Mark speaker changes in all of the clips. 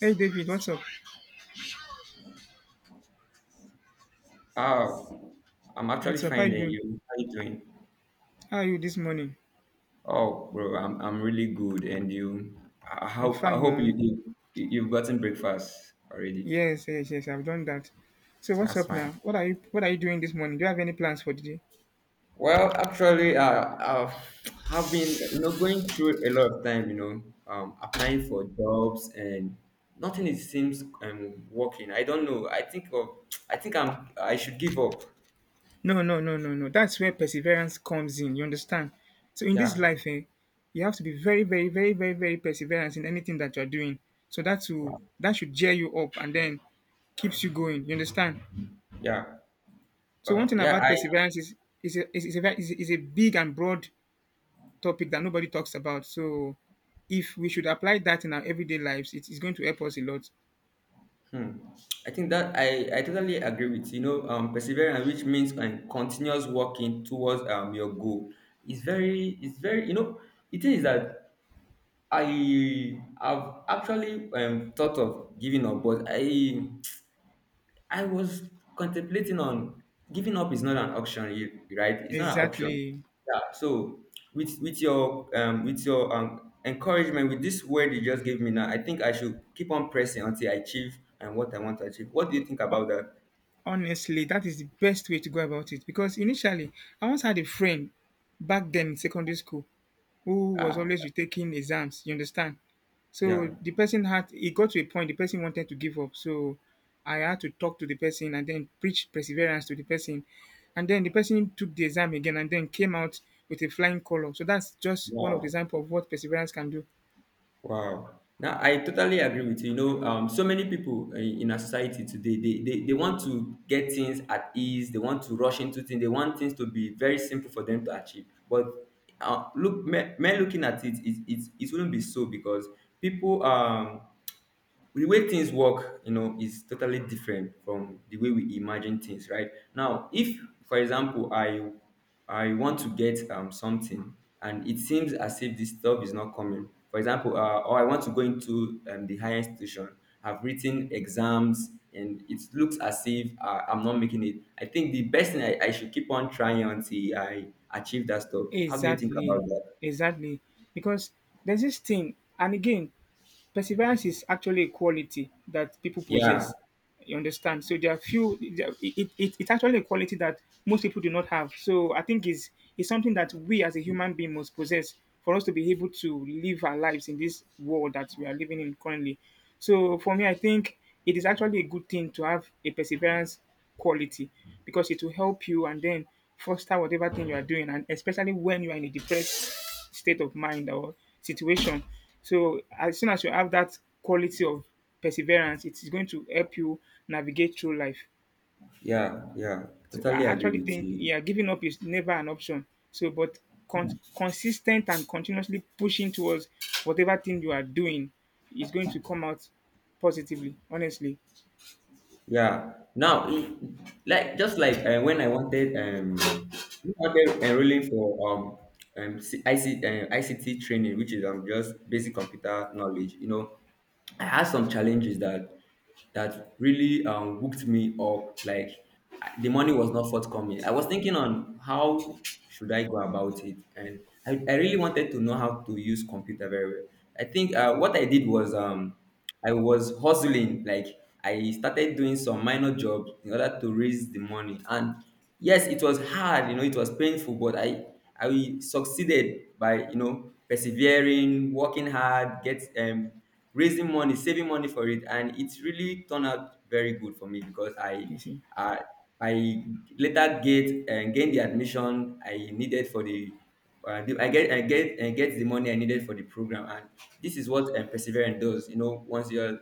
Speaker 1: Hey David, what's up?
Speaker 2: Oh, I'm actually
Speaker 1: What's up? How
Speaker 2: fine,
Speaker 1: you
Speaker 2: and
Speaker 1: doing?
Speaker 2: you? How you doing?
Speaker 1: How are you this morning?
Speaker 2: Oh, bro, I'm really good, and you? I
Speaker 1: I'm
Speaker 2: hope I
Speaker 1: fine.
Speaker 2: hope you, you you- you've gotten breakfast already.
Speaker 1: Yes, yes, yes, I've done that. So what's
Speaker 2: That's
Speaker 1: up now?
Speaker 2: fine.
Speaker 1: What are you doing this morning? Do you have any plans for the day?
Speaker 2: Well, actually, I've have been going through a lot of time, applying for jobs and nothing is seems working. I don't know. I think I should give up.
Speaker 1: No, no, no, no, no. That's where perseverance comes in. You understand? So in this
Speaker 2: Yeah.
Speaker 1: life, eh, you have to be very, very, very, very, very perseverance in anything that you are doing. So that will
Speaker 2: Wow.
Speaker 1: that should cheer you up and then keeps you going. You understand?
Speaker 2: Yeah.
Speaker 1: So one thing
Speaker 2: Yeah.
Speaker 1: about
Speaker 2: I
Speaker 1: perseverance is a, is a big and broad topic that nobody talks about. So if we should apply that in our everyday lives, it is going to help us a lot.
Speaker 2: Hmm. I think that I totally agree with perseverance, which means and continuous working towards your goal. It's very you know it is that I have actually thought of giving up, but I was contemplating on giving up is not an option, right? It's not an option.
Speaker 1: Exactly.
Speaker 2: Yeah. So with your with your encouragement with this word you just gave me now, I think I should keep on pressing until I achieve and what I want to achieve. What do you think
Speaker 1: Ho-
Speaker 2: about that?
Speaker 1: Honestly, that is the best way to go about it. Because initially, I once had a friend back then in secondary school who was
Speaker 2: Ah,
Speaker 1: always retaking exams. You understand?
Speaker 2: yeah.
Speaker 1: So the person had it got to a point the person wanted to give up. So I had to talk to the person and then preach perseverance to the person. And then the person took the exam again and then came out with a flying color. So that's just one of the
Speaker 2: Wow.
Speaker 1: example of what perseverance can do.
Speaker 2: Wow. Now I totally agree with you. You know, so many people in our society today, they want to get things at ease. They want to rush into things. They want things to be very simple for them to achieve. But look, me looking at it, it wouldn't be so because people the way things work, you know, is totally different from the way we imagine things, right? Now, if, for example, I want to get something and it seems as if this stuff is not coming, for example, or I want to go into the higher institution, I've written exams and it looks as if I'm not making it. I think the best thing I should keep on trying until I achieve that stuff. How do you think about
Speaker 1: Exactly.
Speaker 2: that?
Speaker 1: Exactly. Because there's this thing, and again, perseverance is actually a quality that people
Speaker 2: Yeah,
Speaker 1: possess. You understand? So there are few. There, it's actually a quality that most people do not have. So I think is something that we as a human being must possess for us to be able to live our lives in this world that we are living in currently. So for me, I think it is actually a good thing to have a perseverance quality because it will help you and then foster whatever thing you are doing, and especially when you are in a depressed state of mind or situation. So as soon as you have that quality of perseverance, it is going to help you navigate through life.
Speaker 2: yeah, yeah.
Speaker 1: So I
Speaker 2: Totally agree
Speaker 1: actually
Speaker 2: with
Speaker 1: think
Speaker 2: you.
Speaker 1: yeah, giving up is never an option. So but con- consistent and continuously pushing towards whatever thing you are doing is going to come out positively. Honestly,
Speaker 2: Yeah. Now, like just like when I wanted enrolling for ICT training, which is just basic computer knowledge. You know, I had some challenges that really hooked me up. Like the money was not forthcoming. I was thinking on how should I go about it, and I really wanted to know how to use computer very well. I think what I did was I was hustling, like I started doing some minor jobs in order to raise the money. And yes, it was hard, you know, it was painful, but I succeeded by persevering, working hard, get raising money, saving money for it, and it really turned out very good for me because
Speaker 1: you see.
Speaker 2: I I later get gained the admission I needed for the I get the money I needed for the program, and this is what perseverance does. You know, once you're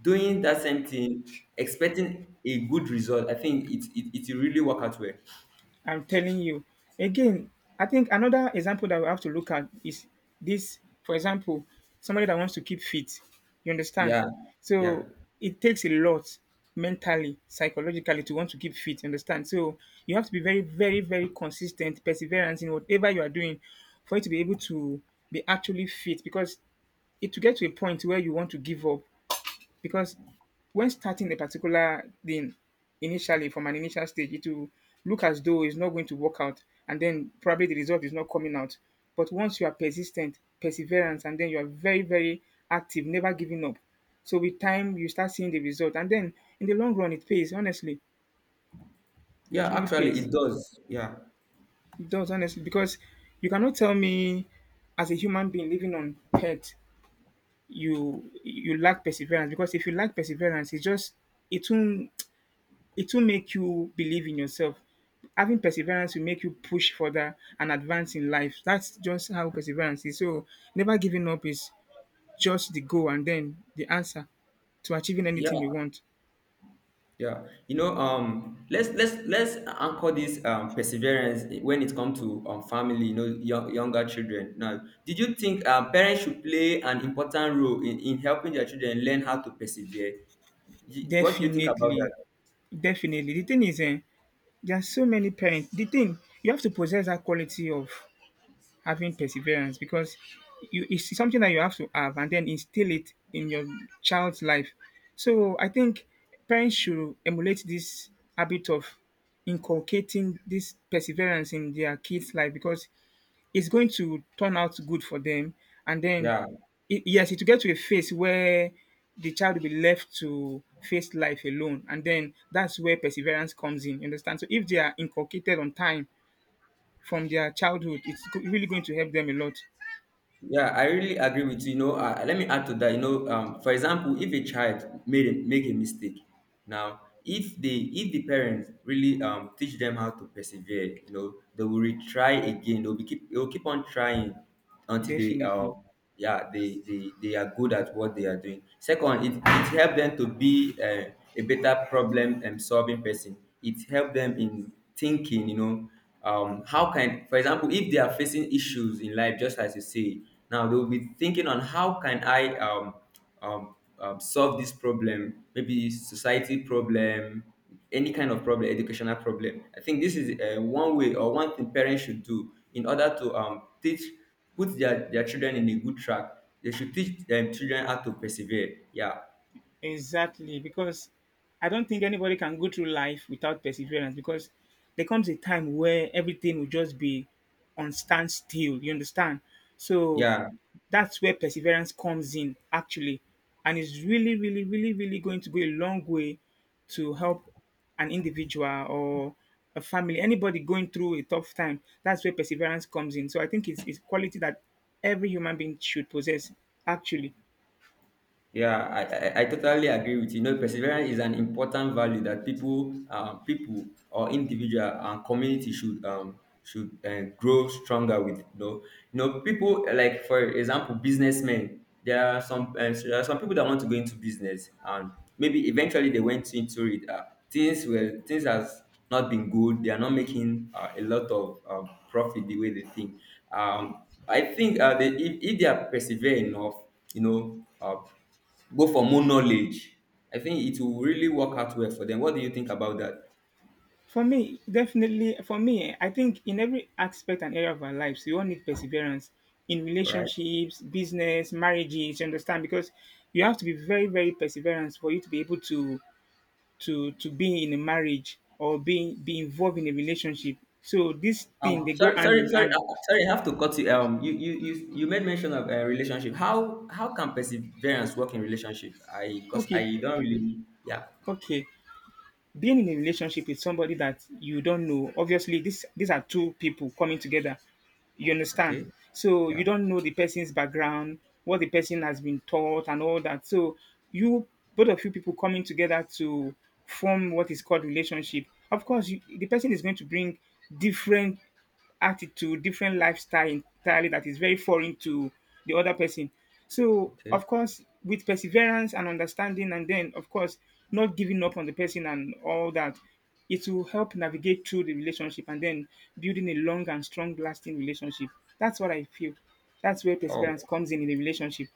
Speaker 2: doing that same thing, expecting a good result, I think it will really work out well.
Speaker 1: I'm telling you. Again, I think another example that we have to look at is this, for example, somebody that wants to keep fit. You understand?
Speaker 2: Yeah, yeah,
Speaker 1: So it takes a lot mentally, psychologically to want to keep fit. You understand? So you have to be very, very, very consistent, perseverance in whatever you are doing for you to be able to be actually fit because it to get to a point where you want to give up because when starting a particular thing initially from an initial stage, it will look as though it's not going to work out, and then probably the result is not coming out. But once you are persistent, perseverance, and then you are very, very active, never giving up. So with time, you start seeing the result, and then in the long run, it pays. Honestly, it
Speaker 2: yeah.
Speaker 1: really
Speaker 2: Actually,
Speaker 1: pays.
Speaker 2: it does. Yeah,
Speaker 1: It does honestly because you cannot tell me as a human being living on earth you lack perseverance because if you lack perseverance, it's just it won't it will make you believe in yourself. Having perseverance will make you push further and advance in life. That's just how perseverance is. So never giving up is just the goal and then the answer to achieving
Speaker 2: yeah,
Speaker 1: anything you want.
Speaker 2: yeah. You know, let's anchor this perseverance when it comes to family. You know, younger children. Now, did you think parents should play an important role in helping their children learn how to persevere? What do you think about
Speaker 1: Definitely.
Speaker 2: that?
Speaker 1: Definitely. The thing is, eh, there are so many parents. The thing, you have to possess that quality of having perseverance because you, it's something that you have to have and then instill it in your child's life. So I think parents should emulate this habit of inculcating this perseverance in their kids' life because it's going to turn out good for them. And then,
Speaker 2: Yeah,
Speaker 1: it, yes, it will get to a phase where the child will be left to face life alone. And then that's where perseverance comes in. You understand? So if they are inculcated on time from their childhood, really going to help them a lot.
Speaker 2: yeah, I really agree with you. You know, let me add to that. You know, for example, if a child make a mistake, now if the parents really teach them how to persevere, you know, they will retry again. They will keep on trying until they
Speaker 1: Definitely.
Speaker 2: yeah they are good at what they are doing. Second, it help them to be a better problem solving person. It help them in thinking, how can, for example, if they are facing issues in life just as you say, now they will be thinking on how can I solve this problem, maybe society problem, any kind of problem, educational problem. I think this is one way or one thing parents should do in order to teach, put their children in a good track. They should teach children how to persevere. Yeah,
Speaker 1: Exactly. Because I don't think anybody can go through life without perseverance because there comes a time where everything will just be on standstill. You understand? So
Speaker 2: yeah.
Speaker 1: that's where perseverance comes in, actually. And it's really, really, really, really going to go a long way to help an individual or a family, anybody going through a tough time. That's where perseverance comes in. So I think it's quality that every human being should possess, actually.
Speaker 2: Yeah, I totally agree with you. You know, perseverance is an important value that people or individual and community should grow stronger with. You know, people like, for example, businessmen. There are some people that want to go into business, and maybe eventually they went into it. Things has not been good. They are not making a lot of profit the way they think. I think if they are persevere enough, you know. Go for more knowledge. I think it will really work out well for them. What do you think about that?
Speaker 1: For me, definitely, for me, eh, I think in every aspect and area of our lives, we all need perseverance in
Speaker 2: All right.
Speaker 1: relationships, business, marriages. You understand? Because you have to be very, very perseverant for you to be able to to be in a marriage or be involved in a relationship. So this thing
Speaker 2: Um,
Speaker 1: they go
Speaker 2: sorry,
Speaker 1: hand
Speaker 2: sorry,
Speaker 1: in
Speaker 2: sorry,
Speaker 1: hand.
Speaker 2: uh, sorry. I have to cut you. You made mention of a relationship. How can perseverance work in relationship? Cause
Speaker 1: Okay,
Speaker 2: I don't really. Yeah.
Speaker 1: okay. Being in a relationship with somebody that you don't know, obviously this these are two people coming together, you understand,
Speaker 2: Okay.
Speaker 1: so
Speaker 2: Yeah.
Speaker 1: you don't know the person's background, what the person has been taught and all that. So you, both of you people coming together to form what is called relationship, of course you, the person is going to bring different attitude, different lifestyle entirely that is very foreign to the other person. So,
Speaker 2: Okay.
Speaker 1: of course, with perseverance and understanding, and then, of course, not giving up on the person and all that, it will help navigate through the relationship and then building a long and strong lasting relationship. That's what I feel. That's where perseverance
Speaker 2: Oh,
Speaker 1: comes in the relationship.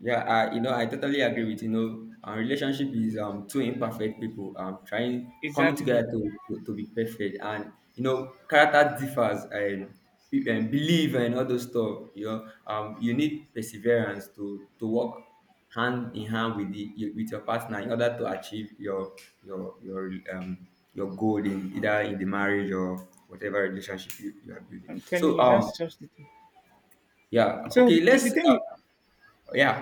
Speaker 2: yeah, I you know I totally agree with our relationship is two imperfect people trying coming together
Speaker 1: Exactly.
Speaker 2: to be perfect, and you know character differs, and and belief and all those stuff, you know, you need perseverance to work hand in hand with with your partner in order to achieve your your goal in either in the marriage or whatever relationship you are building.
Speaker 1: I'm telling
Speaker 2: So
Speaker 1: you, that's just the thing.
Speaker 2: yeah,
Speaker 1: So
Speaker 2: okay,
Speaker 1: the
Speaker 2: let's
Speaker 1: thing,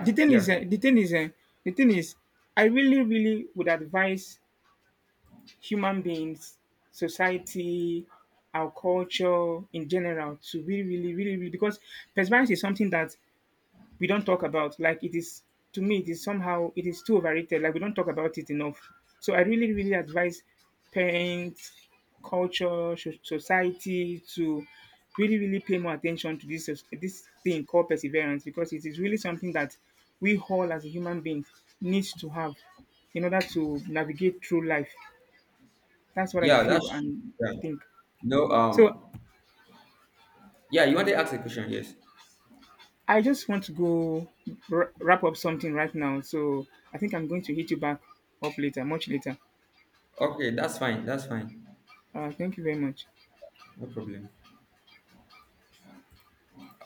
Speaker 1: the thing is,
Speaker 2: yeah.
Speaker 1: the thing is, the thing is, I really, really would advise human beings, society, our culture in general to really, really, really, really because perseverance is something that we don't talk about. Like it is to me, it is somehow it is too overrated. Like we don't talk about it enough. So I really, really advise parents, culture, society to really, really pay more attention to this thing called perseverance because it is really something that we all as a human beings needs to have in order to navigate through life. That's what I
Speaker 2: Yeah, that's
Speaker 1: feel
Speaker 2: true.
Speaker 1: and
Speaker 2: Yeah.
Speaker 1: think.
Speaker 2: No,
Speaker 1: So
Speaker 2: yeah, you want to ask a question? Yes.
Speaker 1: I just want to go wrap up something right now. So I think I'm going to hit you back up later, much later.
Speaker 2: Okay, that's fine. That's fine.
Speaker 1: Thank you very much.
Speaker 2: No problem.